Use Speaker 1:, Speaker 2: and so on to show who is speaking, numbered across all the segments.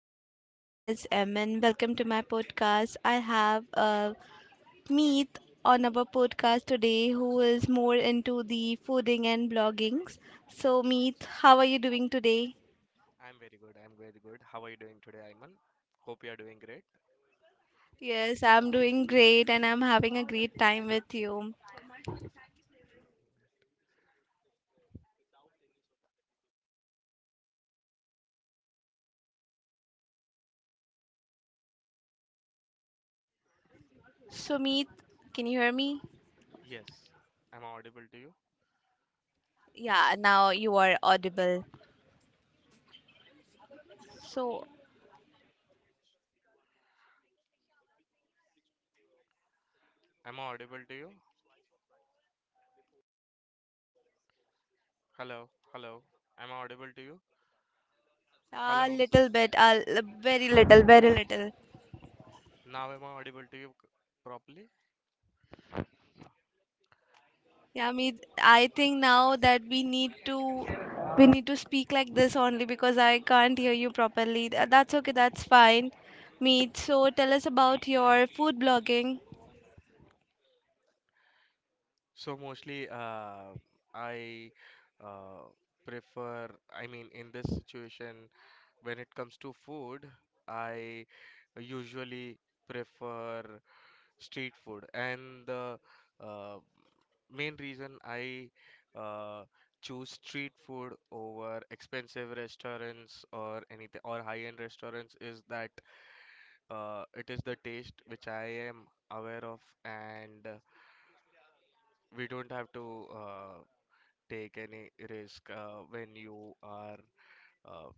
Speaker 1: Hello, my name is Emin. Welcome to my podcast. I have Meet on our podcast today who is more into the fooding and bloggings. So, Meet, how are you doing today?
Speaker 2: I'm very good. I'm very good. How are you doing today, Ayman? Hope you are doing great.
Speaker 1: Yes, I'm doing great and I'm having a great time with you. So, Meet, can you hear me?
Speaker 2: Yes. Am I audible to you?
Speaker 1: Yeah, now you are audible. So,
Speaker 2: Am I audible to you? Hello. Hello. Am I audible to you?
Speaker 1: a
Speaker 2: Hello.
Speaker 1: little bit, very little, very little.
Speaker 2: Now am I audible to you properly?
Speaker 1: Yeah, me. I think now that we need to speak like this only because I can't hear you properly. That's okay. That's fine, Meet. So tell us about your food blogging.
Speaker 2: So mostly, I uh, prefer. I mean, in this situation, when it comes to food, I usually prefer street food, and the uh, main reason I uh, choose street food over expensive restaurants or anything or high-end restaurants is that it is the taste which I am aware of, and we don't have to take any risk when you are uh,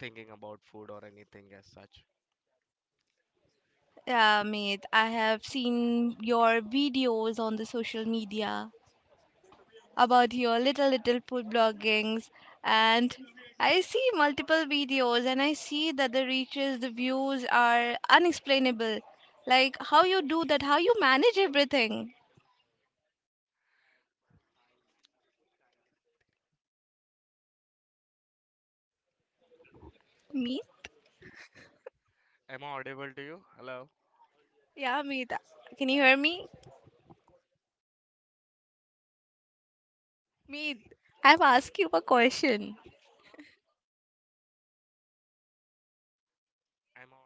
Speaker 2: thinking about food or anything as such.
Speaker 1: Yeah, Meet. I have seen your videos on the social media about your little little food bloggings, and I see multiple videos and I see that the reaches, the views are unexplainable. Like how you do that, how you manage everything, Meet.
Speaker 2: Am I audible to you? Hello?
Speaker 1: Yeah, Meet. Can you hear me? Meet, I've asked you a question.
Speaker 2: Am I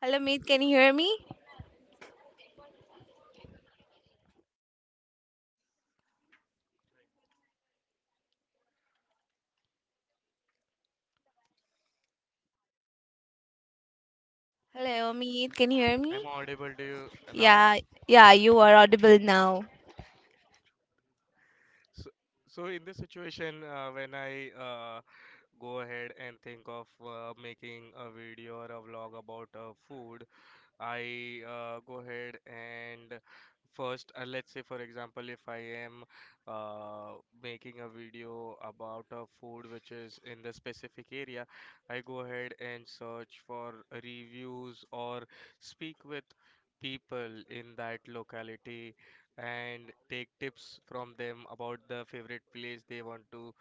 Speaker 1: Hello, Meet. Can you hear me? Hello, Meet. Can you hear me?
Speaker 2: am I audible to you now?
Speaker 1: Yeah, yeah, you are audible now.
Speaker 2: So, so in this situation, when I go ahead and think of making a video or a vlog about food, I go ahead and first, let's say, for example, if I am uh, making a video about a food which is in the specific area, I go ahead and search for reviews or speak with people in that locality and take tips from them about the favorite place they want to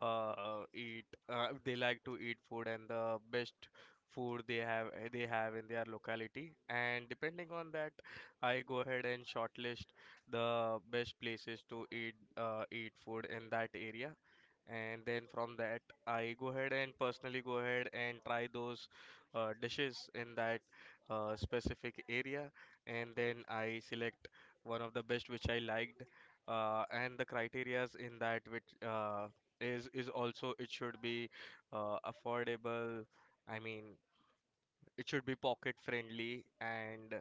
Speaker 2: eat they like to eat food and the best food they have they have in their locality, and depending on that I go ahead and shortlist the best places to eat food in that area, and then from that I go ahead and personally go ahead and try those dishes in that specific area, and then I select one of the best which I liked, and the criterias in that which is also, it should be affordable. I mean, it should be pocket friendly, and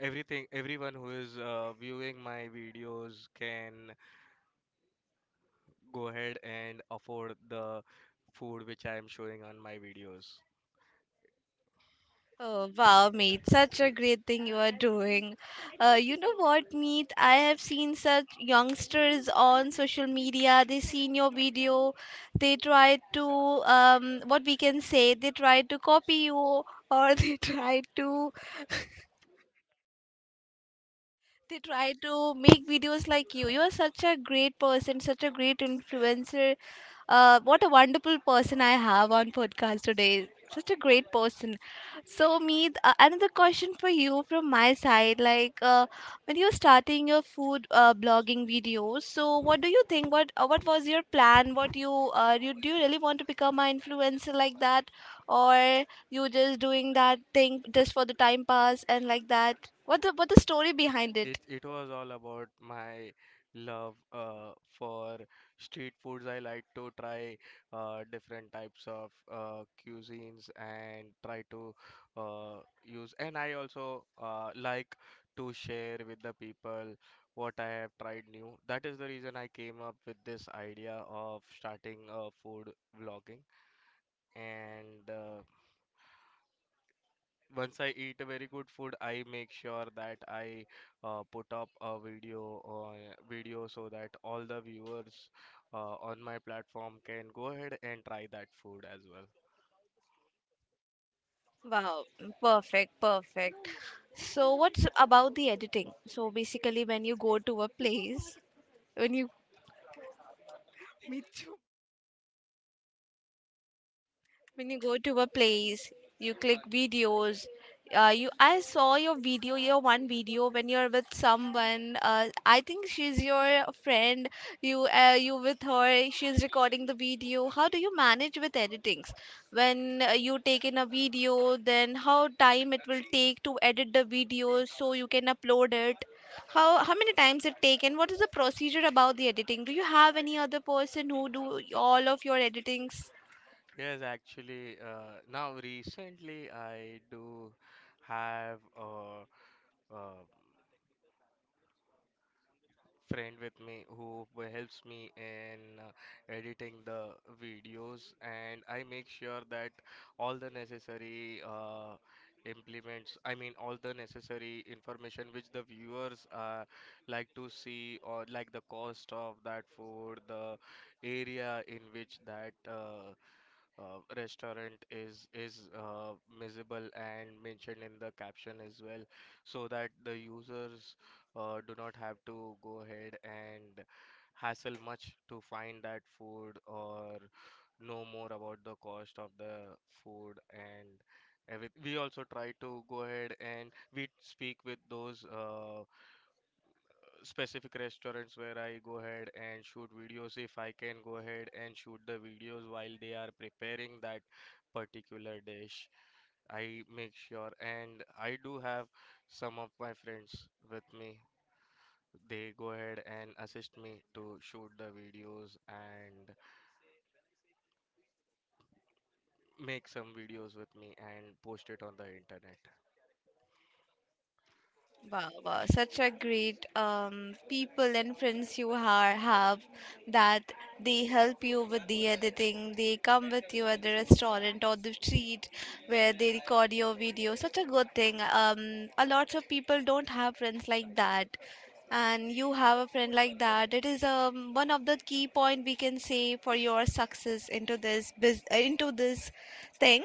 Speaker 2: everything everyone who is viewing my videos can go ahead and afford the food which I am showing on my videos.
Speaker 1: Oh, wow, Meet. Such a great thing you are doing. You know what, Meet? I have seen such youngsters on social media. They seen your video. They try to, what we can say, they try to copy you or they try to make videos like you. You are such a great person, such a great influencer. What a wonderful person I have on podcast today, such a great person. So, Meet, another question for you from my side, like, when you were starting your food blogging videos, so what do you think, what was your plan, what you do, you really want to become an influencer like that, or you just doing that thing just for the time pass and like that, what the story behind
Speaker 2: It
Speaker 1: it?
Speaker 2: was all about my love for street foods. I like to try different types of cuisines and try to use. And I also like to share with the people what I have tried new. That is the reason I came up with this idea of starting a food vlogging. And once I eat a very good food, I make sure that I put up a video so that all the viewers on my platform can go ahead and try that food as well.
Speaker 1: Wow, perfect, perfect. So, what's about the editing? So, basically, when you when you go to a place, you click videos. You I saw your one video when you're with someone. I think she's your friend. You with her, she's recording the video. How do you manage with editings when you take in a video? Then how time it will take to edit the video so you can upload it. How many times it take, and what is the procedure about the editing? Do you have any other person who do all of your editings?
Speaker 2: Yes, actually, now recently I do have uh, friend with me who helps me in editing the videos, and I make sure that all the necessary implements, I mean all the necessary information which the viewers like to see, or like the cost of that food, the area in which that restaurant is visible and mentioned in the caption as well, so that the users do not have to go ahead and hassle much to find that food or know more about the cost of the food and everything. We also try to go ahead and we speak with those specific restaurants where I go ahead and shoot videos if I can go ahead and shoot the videos while they are preparing that particular dish. I make sure, and I do have some of my friends with me. They go ahead and assist me to shoot the videos and make some videos with me and post it on the internet.
Speaker 1: Wow, wow, such a great people and friends you have that they help you with the editing. They come with you at the restaurant or the street where they record your video. Such a good thing. A lot of people don't have friends like that, and you have a friend like that. It is one of the key point we can say for your success into this thing.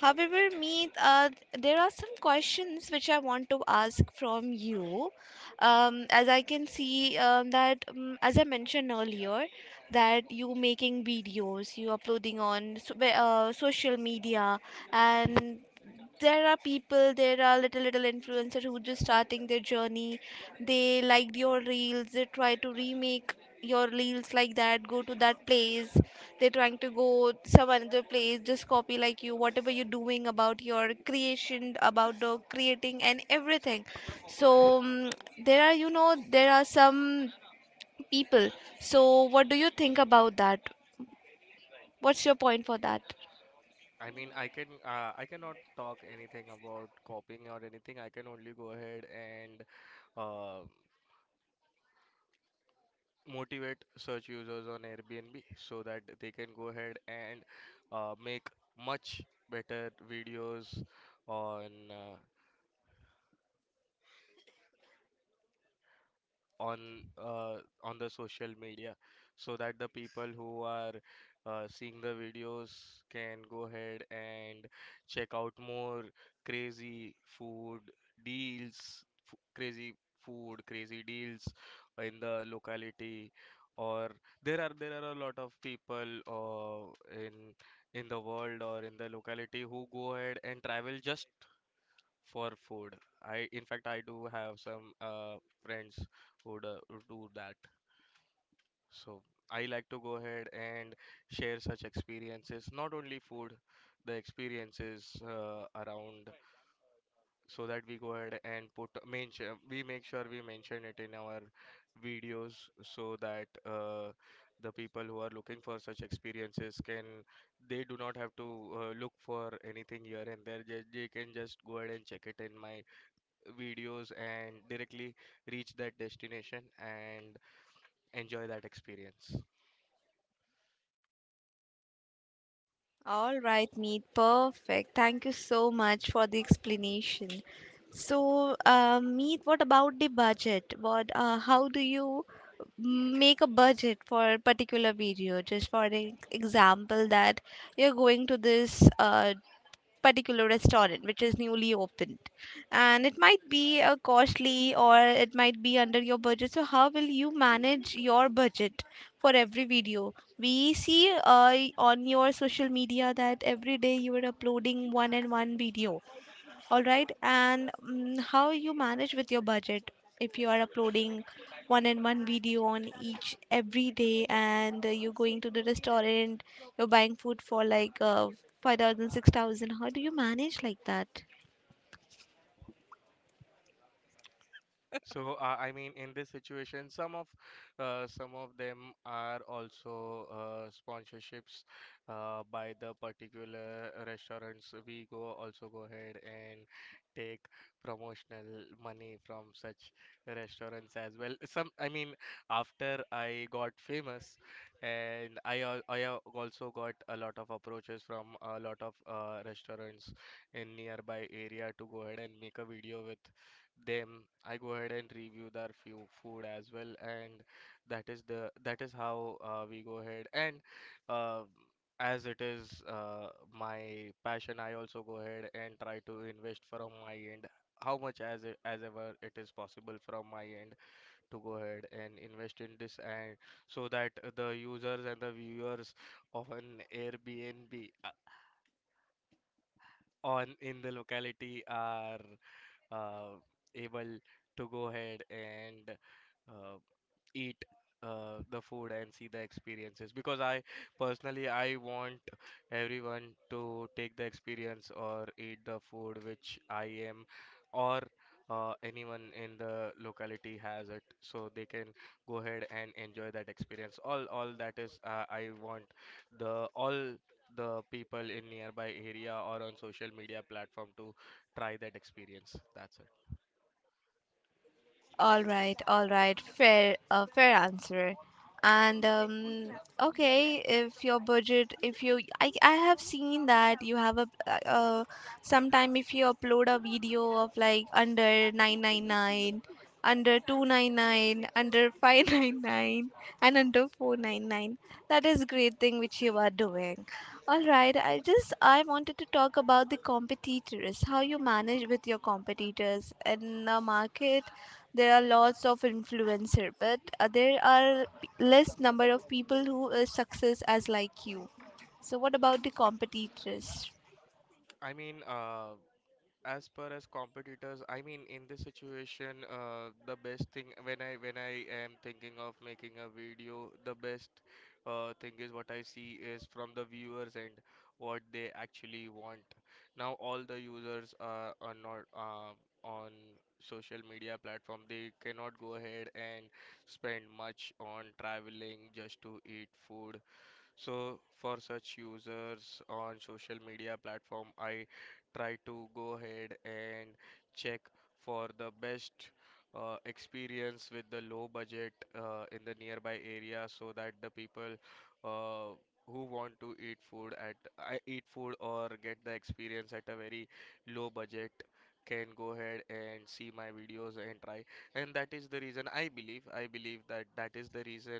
Speaker 1: However, Meet, there are some questions which I want to ask from you. As I can see, that, as I mentioned earlier, that you making videos, you uploading on social media, and there are people, there are little little influencers who just starting their journey. They liked your reels, they try to remake your reels like that, go to that place, they're trying to go some another place, just copy like you whatever you're doing about your creation, about the creating and everything. So there are some people. So what do you think about that? What's your point for that?
Speaker 2: I mean, I can I cannot talk anything about copying or anything. I can only go ahead and uh, motivate search users on Airbnb so that they can go ahead and make much better videos on uh, on uh, on the social media, so that the people who are seeing the videos can go ahead and check out more crazy food deals crazy food crazy deals in the locality. Or there are a lot of people in the world or in the locality who go ahead and travel just for food. I, in fact, I do have some friends who do that. So I like to go ahead and share such experiences, not only food, the experiences around, so that we go ahead and put mention we make sure we mention it in our videos, so that the people who are looking for such experiences can, they do not have to look for anything here and there. They can just go ahead and check it in my videos and directly reach that destination and enjoy that experience.
Speaker 1: All right, Meet. Perfect. Thank you so much for the explanation. So, Meet, what about the budget? What, how do you make a budget for a particular video? Just for an example, that you're going to this particular restaurant which is newly opened, and it might be a costly or it might be under your budget. So how will you manage your budget for every video we see on your social media, that every day you are uploading one and one video? All right, and how you manage with your budget if you are uploading one and one video on each every day and you're going to the restaurant, you're buying food for like 5,000. How do you manage like that?
Speaker 2: So, I mean, in this situation, some of them are also sponsorships by the particular restaurants. We go also go ahead and take promotional money from such restaurants as well. Some, I mean, after I got famous, and also got a lot of approaches from a lot of restaurants in nearby area to go ahead and make a video with them. I go ahead and review their few food as well, and that is how we go ahead and uh, as it is my passion, I also go ahead and try to invest from my end, how much as as ever it is possible from my end to go ahead and invest in this, and so that the users and the viewers of an Airbnb on in the locality are uh, able to go ahead and uh, eat the food and see the experiences, because I personally I want everyone to take the experience or eat the food which I am, or anyone in the locality has it, so they can go ahead and enjoy that experience. All that is, I want the all the people in nearby area or on social media platform to try that experience, that's it.
Speaker 1: All right, fair answer. And okay, if your budget, if you, I have seen that you have sometime, if you upload a video of like under 999, under 299, under 599, and under 499, that is great thing which you are doing. All right, I wanted to talk about the competitors, how you manage with your competitors in the market. There are lots of influencer, but there are less number of people who is success as like you. So what about the competitors?
Speaker 2: I mean, as per as competitors, I mean, in this situation, the best thing when I am thinking of making a video, the best thing is what I see is from the viewers and what they actually want. Now, all the users are not on social media platform. They cannot go ahead and spend much on traveling just to eat food. So for such users on social media platform, I try to go ahead and check for the best experience with the low budget in the nearby area, so that the people uh, who want to eat food at I eat food or get the experience at a very low budget can go ahead and see my videos and try. And that is the reason I believe that that is the reason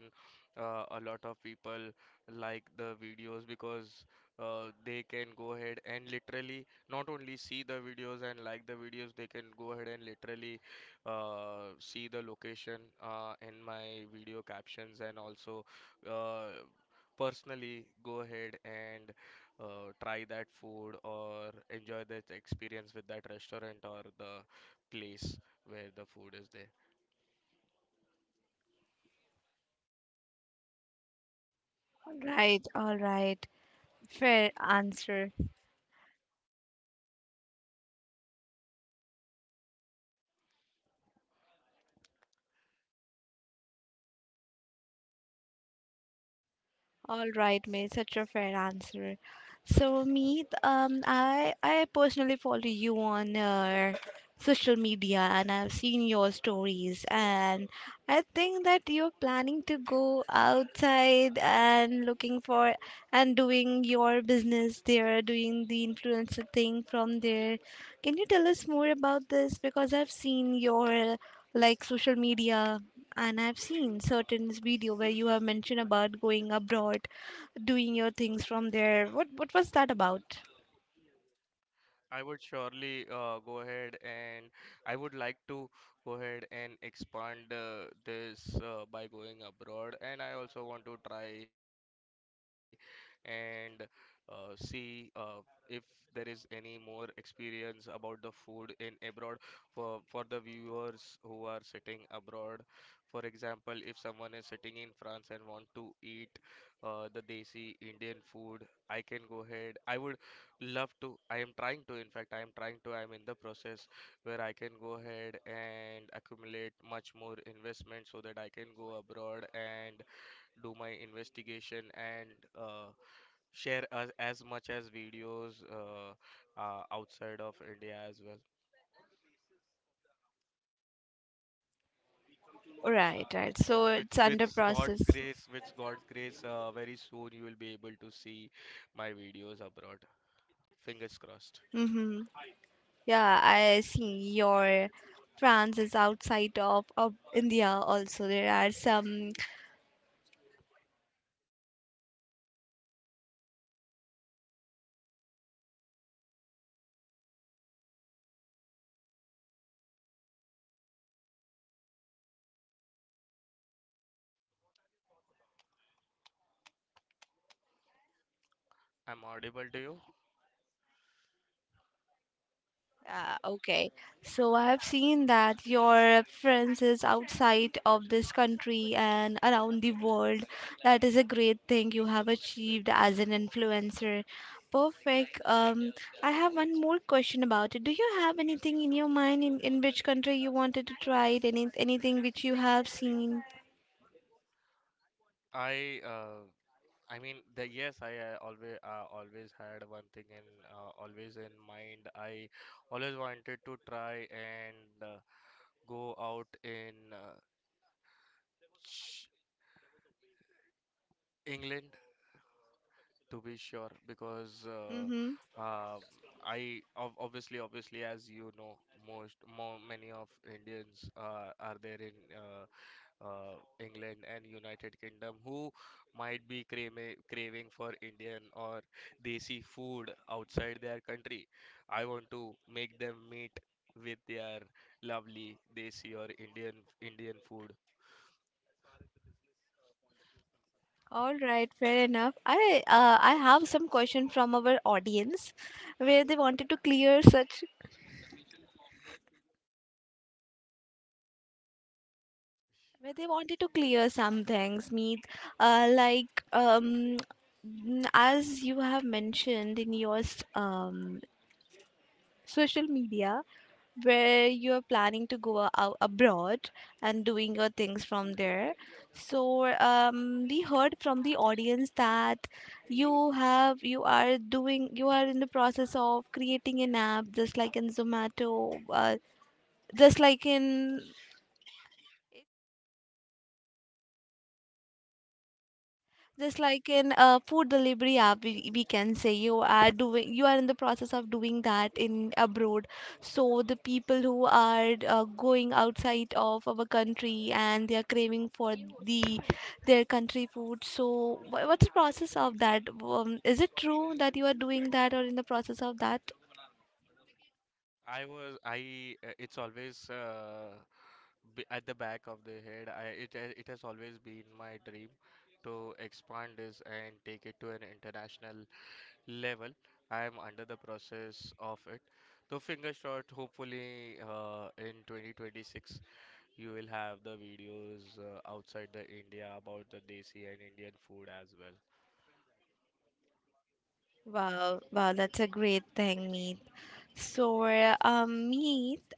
Speaker 2: a lot of people like the videos, because they can go ahead and literally not only see the videos and like the videos, they can go ahead and literally see the location in my video captions and also uh, personally go ahead and try that food or enjoy that experience with that restaurant or the place where the food is there.
Speaker 1: All right, all right. Fair answer. All right, mate, such a fair answer. So, Meet, I personally follow you on social media, and I've seen your stories, and I think that you're planning to go outside and looking for and doing your business there, doing the influencer thing from there. Can you tell us more about this? Because I've seen your like social media, and I've seen certain video where you have mentioned about going abroad, doing your things from there. What was that about?
Speaker 2: I would surely go ahead and I would like to go ahead and expand this by going abroad. And I also want to try and see if there is any more experience about the food in abroad for the viewers who are sitting abroad. For example, if someone is sitting in France and want to eat the desi Indian food, I can go ahead. I would love to. I am trying to in fact I am trying to I am in the process where I can go ahead and accumulate much more investment, so that I can go abroad and do my investigation, and uh, share as much as videos outside of India as well.
Speaker 1: Right, right. So
Speaker 2: Which,
Speaker 1: it's under
Speaker 2: with god's
Speaker 1: process.
Speaker 2: grace with god's grace uh, very soon you will be able to see my videos abroad, fingers crossed.
Speaker 1: Mm-hmm. Yeah, I see your France is outside of India also. There are some.
Speaker 2: I'm audible to you.
Speaker 1: Okay, so I have seen that your friends is outside of this country and around the world. That is a great thing you have achieved as an influencer. Perfect. I have one more question about it. Do you have anything in your mind in which country you wanted to try it? Anything which you have seen?
Speaker 2: i uh, I mean, the yes, I always had one thing and always in mind. I always wanted to try and go out in ch- England, to be sure, because
Speaker 1: Mm-hmm.
Speaker 2: um I ob obviously, obviously, as you know, most more many of Indians are there in England and United Kingdom, who might be craving for Indian or desi food outside their country. I want to make them meet with their lovely desi or Indian food.
Speaker 1: All right, fair enough. I have some question from our audience where they wanted to clear such where they wanted to clear some things, Meet, like, as you have mentioned in your social media, where you are planning to go out abroad and doing your things from there. So we heard from the audience that you have you are doing you are in the process of creating an app just like in Zomato, just like in just like in a food delivery app. We can say you are doing, you are in the process of doing that in abroad. So the people who are going outside of our country and they are craving for the their country food. So what's the process of that? Is it true that you are doing that or in the process of that?
Speaker 2: I was I It's always at the back of the head. It has always been my dream to expand this and take it to an international level. I am under the process of it. So fingers crossed. Hopefully, in 2026, you will have the videos outside the India about the desi and Indian food as well.
Speaker 1: Wow, wow, that's a great thing, Meet. So, Meet,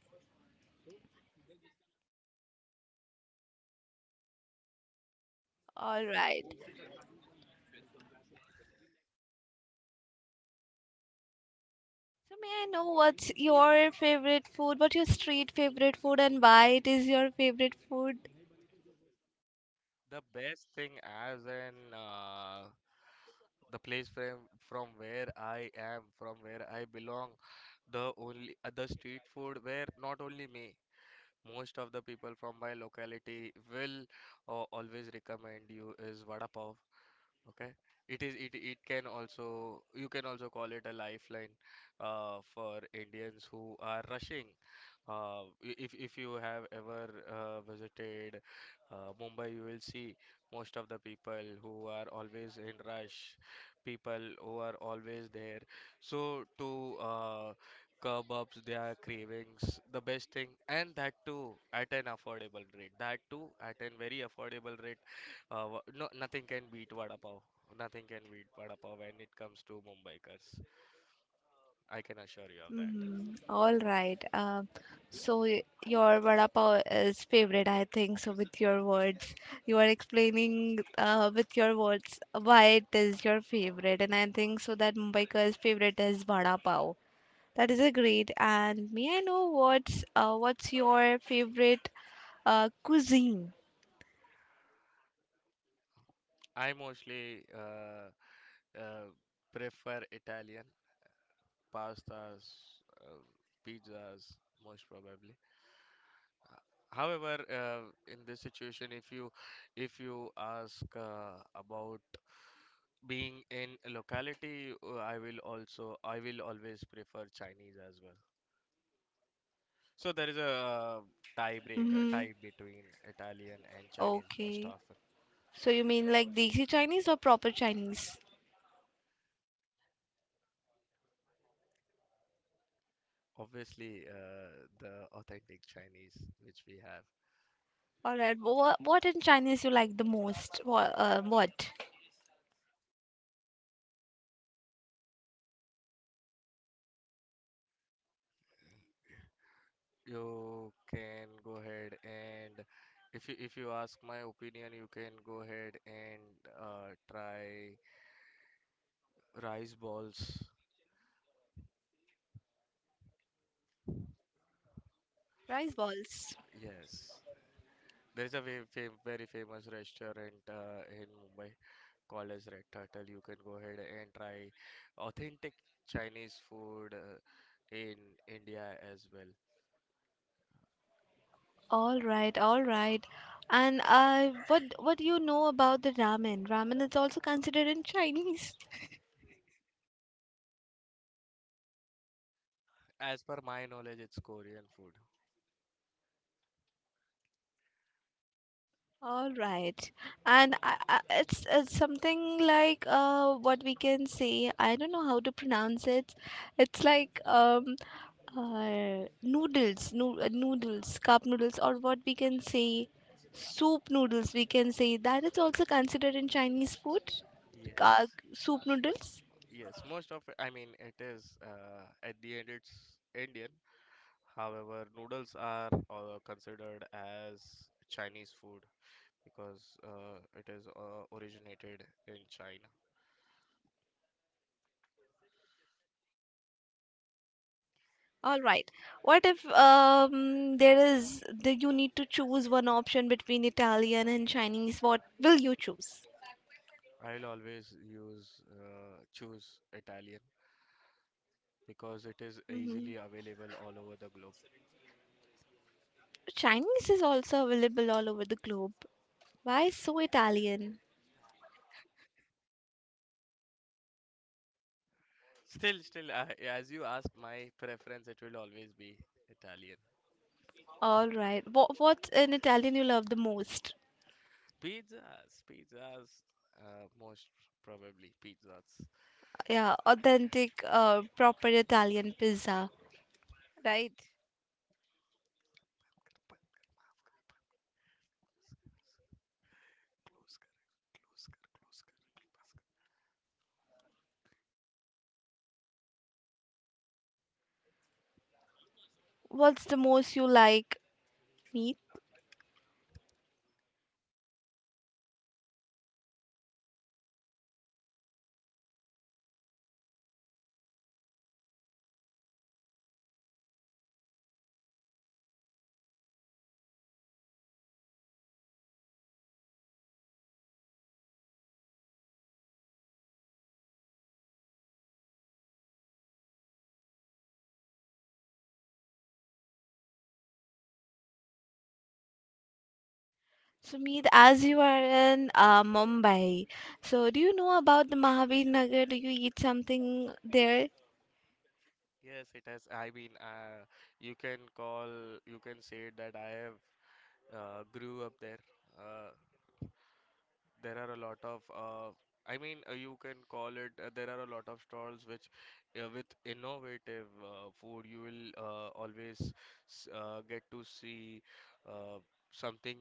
Speaker 1: all right. So may I know what's your favorite food? What's your street favorite food and why it is your favorite food?
Speaker 2: The best thing as an the place from where I am, from where I belong, the only the street food where not only me, most of the people from my locality will always recommend you is vada pav. Okay. It it can also you can also call it a lifeline for Indians who are rushing if you have ever visited Mumbai, you will see most of the people who are always in rush, people who are always there. So to curb up their cravings, the best thing, and that too at an affordable rate. That too at an very affordable rate. No, nothing can beat vada pav. Nothing can beat vada pav when it comes to Mumbaikars. I can assure you of that.
Speaker 1: Mm-hmm. All right. So your vada pav is favorite, I think. So with your words, you are explaining with your words why it is your favorite, and I think so that Mumbaiker's favorite is vada pav. That is a great. And may I know what's your favorite cuisine?
Speaker 2: I mostly uh, prefer Italian pastas, pizzas, most probably. However, in this situation, if you ask about being in a locality, I will always prefer Chinese as well. So there is a
Speaker 1: Mm-hmm.
Speaker 2: tie between Italian and Chinese most
Speaker 1: Okay.
Speaker 2: often.
Speaker 1: So you mean like Desi Chinese or proper Chinese?
Speaker 2: Obviously, the authentic Chinese which we have.
Speaker 1: All right. What in Chinese you like the most? What? What?
Speaker 2: You can go ahead and if you ask my opinion, you can go ahead and try rice balls.
Speaker 1: Rice balls.
Speaker 2: Yes, there is a very famous restaurant in Mumbai called as Red Turtle. You can go ahead and try authentic Chinese food in India as well.
Speaker 1: All right. All right. And what do you know about the ramen? Ramen is also considered in Chinese.
Speaker 2: As per my knowledge, it's Korean food.
Speaker 1: All right, and it's something like what we can say. I don't know how to pronounce it. It's like noodles, no, noodles, cup noodles, or what we can say soup noodles. We can say that is also considered in Chinese food. Uh,
Speaker 2: Yes,
Speaker 1: Soup noodles.
Speaker 2: yes, most of it, I mean, it is at the end, it's Indian. However, noodles are considered as Chinese food because it is originated in China.
Speaker 1: All right. What if there is you need to choose one option between Italian and Chinese? What will you choose?
Speaker 2: I'll always use choose Italian because it is
Speaker 1: Mm-hmm.
Speaker 2: easily available all over the globe.
Speaker 1: Chinese is also available all over the globe. Why so Italian?
Speaker 2: Still, I, as you asked, my preference it will always be Italian.
Speaker 1: All right. What's in Italian you love the most?
Speaker 2: Pizzas, pizzas, most probably pizzas.
Speaker 1: Yeah, authentic, proper Italian pizza. Right. What's the most you like? Meat. So meat, as you are in Mumbai, so do you know about the Mahabir Nagar? Do you eat something there?
Speaker 2: Yes, it has. I mean, you can call, you can say that I have grew up there. Uh, there are a lot of, I mean, you can call it. There are a lot of stalls which, with innovative food, you will always get to see uh, something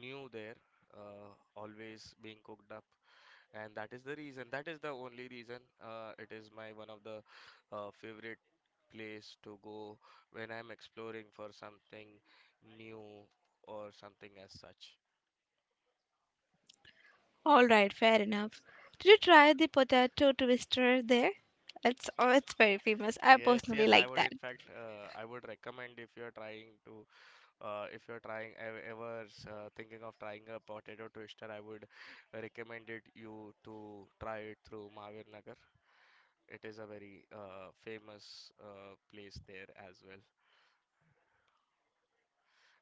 Speaker 2: new there. Uh, always being cooked up, and that is the reason. That is the only reason. It is my one of the favorite place to go when I'm exploring for something new or something as such.
Speaker 1: All right, fair enough. Did you try the potato twister there? It's very famous. I
Speaker 2: Yes,
Speaker 1: personally
Speaker 2: yes, I
Speaker 1: like
Speaker 2: would
Speaker 1: that.
Speaker 2: in fact I would recommend if you're trying to if you're trying ev- ever s- thinking of trying a potato twister, I would recommend it you to try it through Mahavir Nagar. It is a very famous place there as well.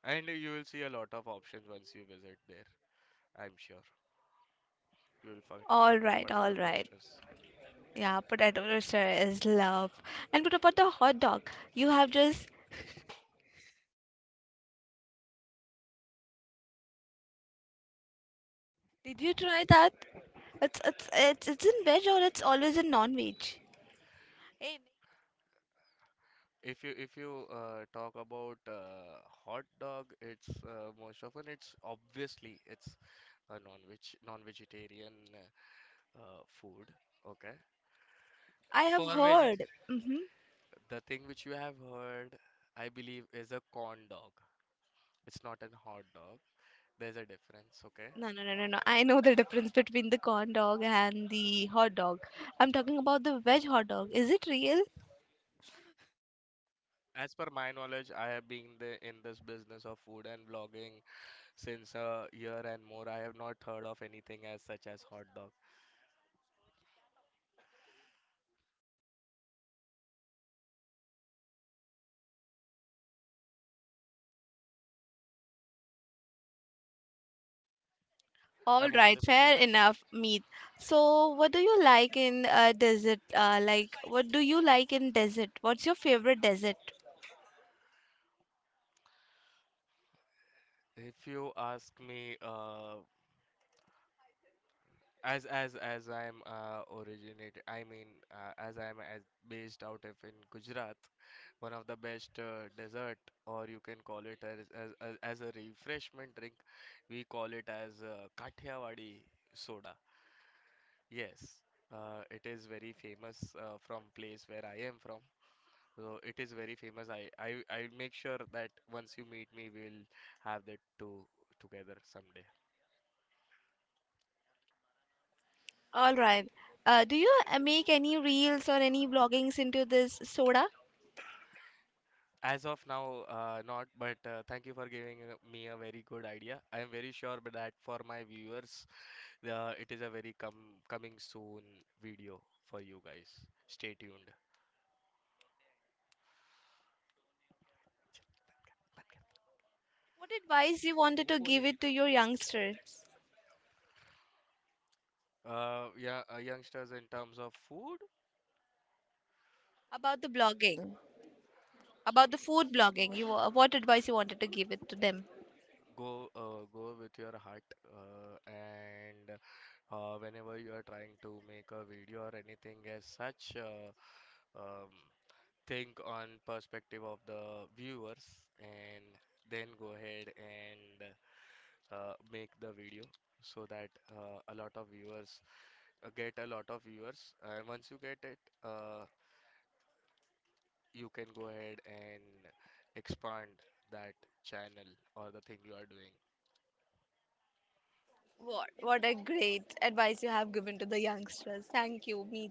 Speaker 2: And you will see a lot of options once you visit there, I'm sure. You will forget,
Speaker 1: All
Speaker 2: forget
Speaker 1: right,
Speaker 2: potato
Speaker 1: all right.
Speaker 2: twisters.
Speaker 1: Yeah, potato roaster is love. And what about the hot dog? You have just Did you try that? It's in veg or it's always in non-veg. Hey,
Speaker 2: If you talk about hot dog, it's most often it's obviously it's a non-vegetarian food. Okay.
Speaker 1: I have
Speaker 2: For veget
Speaker 1: heard. Mm-hmm.
Speaker 2: the thing which you have heard, I believe, is a corn dog. It's not a hot dog. There's a difference. Okay,
Speaker 1: No, no, no, no, no. I know the difference between the corn dog and the hot dog. I'm talking about the veg hot dog. Is it real?
Speaker 2: as per my knowledge, I have been the, in this business of food and vlogging since a year and more. I have not heard of anything as such as hot dog.
Speaker 1: All
Speaker 2: Am I
Speaker 1: right,
Speaker 2: audible to
Speaker 1: fair enough, Meet. So, what do you like in desert? Like, what do you like in desert? What's your favorite desert?
Speaker 2: you? If you ask me, as I'm originated, I mean, as I'm as based out of in Gujarat, one of the best dessert, or you can call it as a refreshment drink, we call it as Kathiawadi soda. Yes, it is very famous from place where I am from. So it is very famous. I'll make sure that once you meet me, we'll have that too together someday.
Speaker 1: All right. Do you make any reels or any vloggings into this soda?
Speaker 2: As of now, not, but thank you for giving me a very good idea. I am very sure that for my viewers, it is a very com coming soon video for you guys. Stay tuned.
Speaker 1: What advice you wanted to give it to your youngsters
Speaker 2: Yeah, youngsters, in terms of food,
Speaker 1: about the blogging, about the food blogging? What advice you wanted to give it to them?
Speaker 2: go with your heart. And whenever you are trying to make a video or anything as such, um, think on perspective of the viewers and then go ahead and make the video so that a lot of viewers get a lot of viewers and once you get it uh, you can go ahead and expand that channel or the thing you are doing
Speaker 1: What a great advice you have given to the youngsters. Thank you, Meet.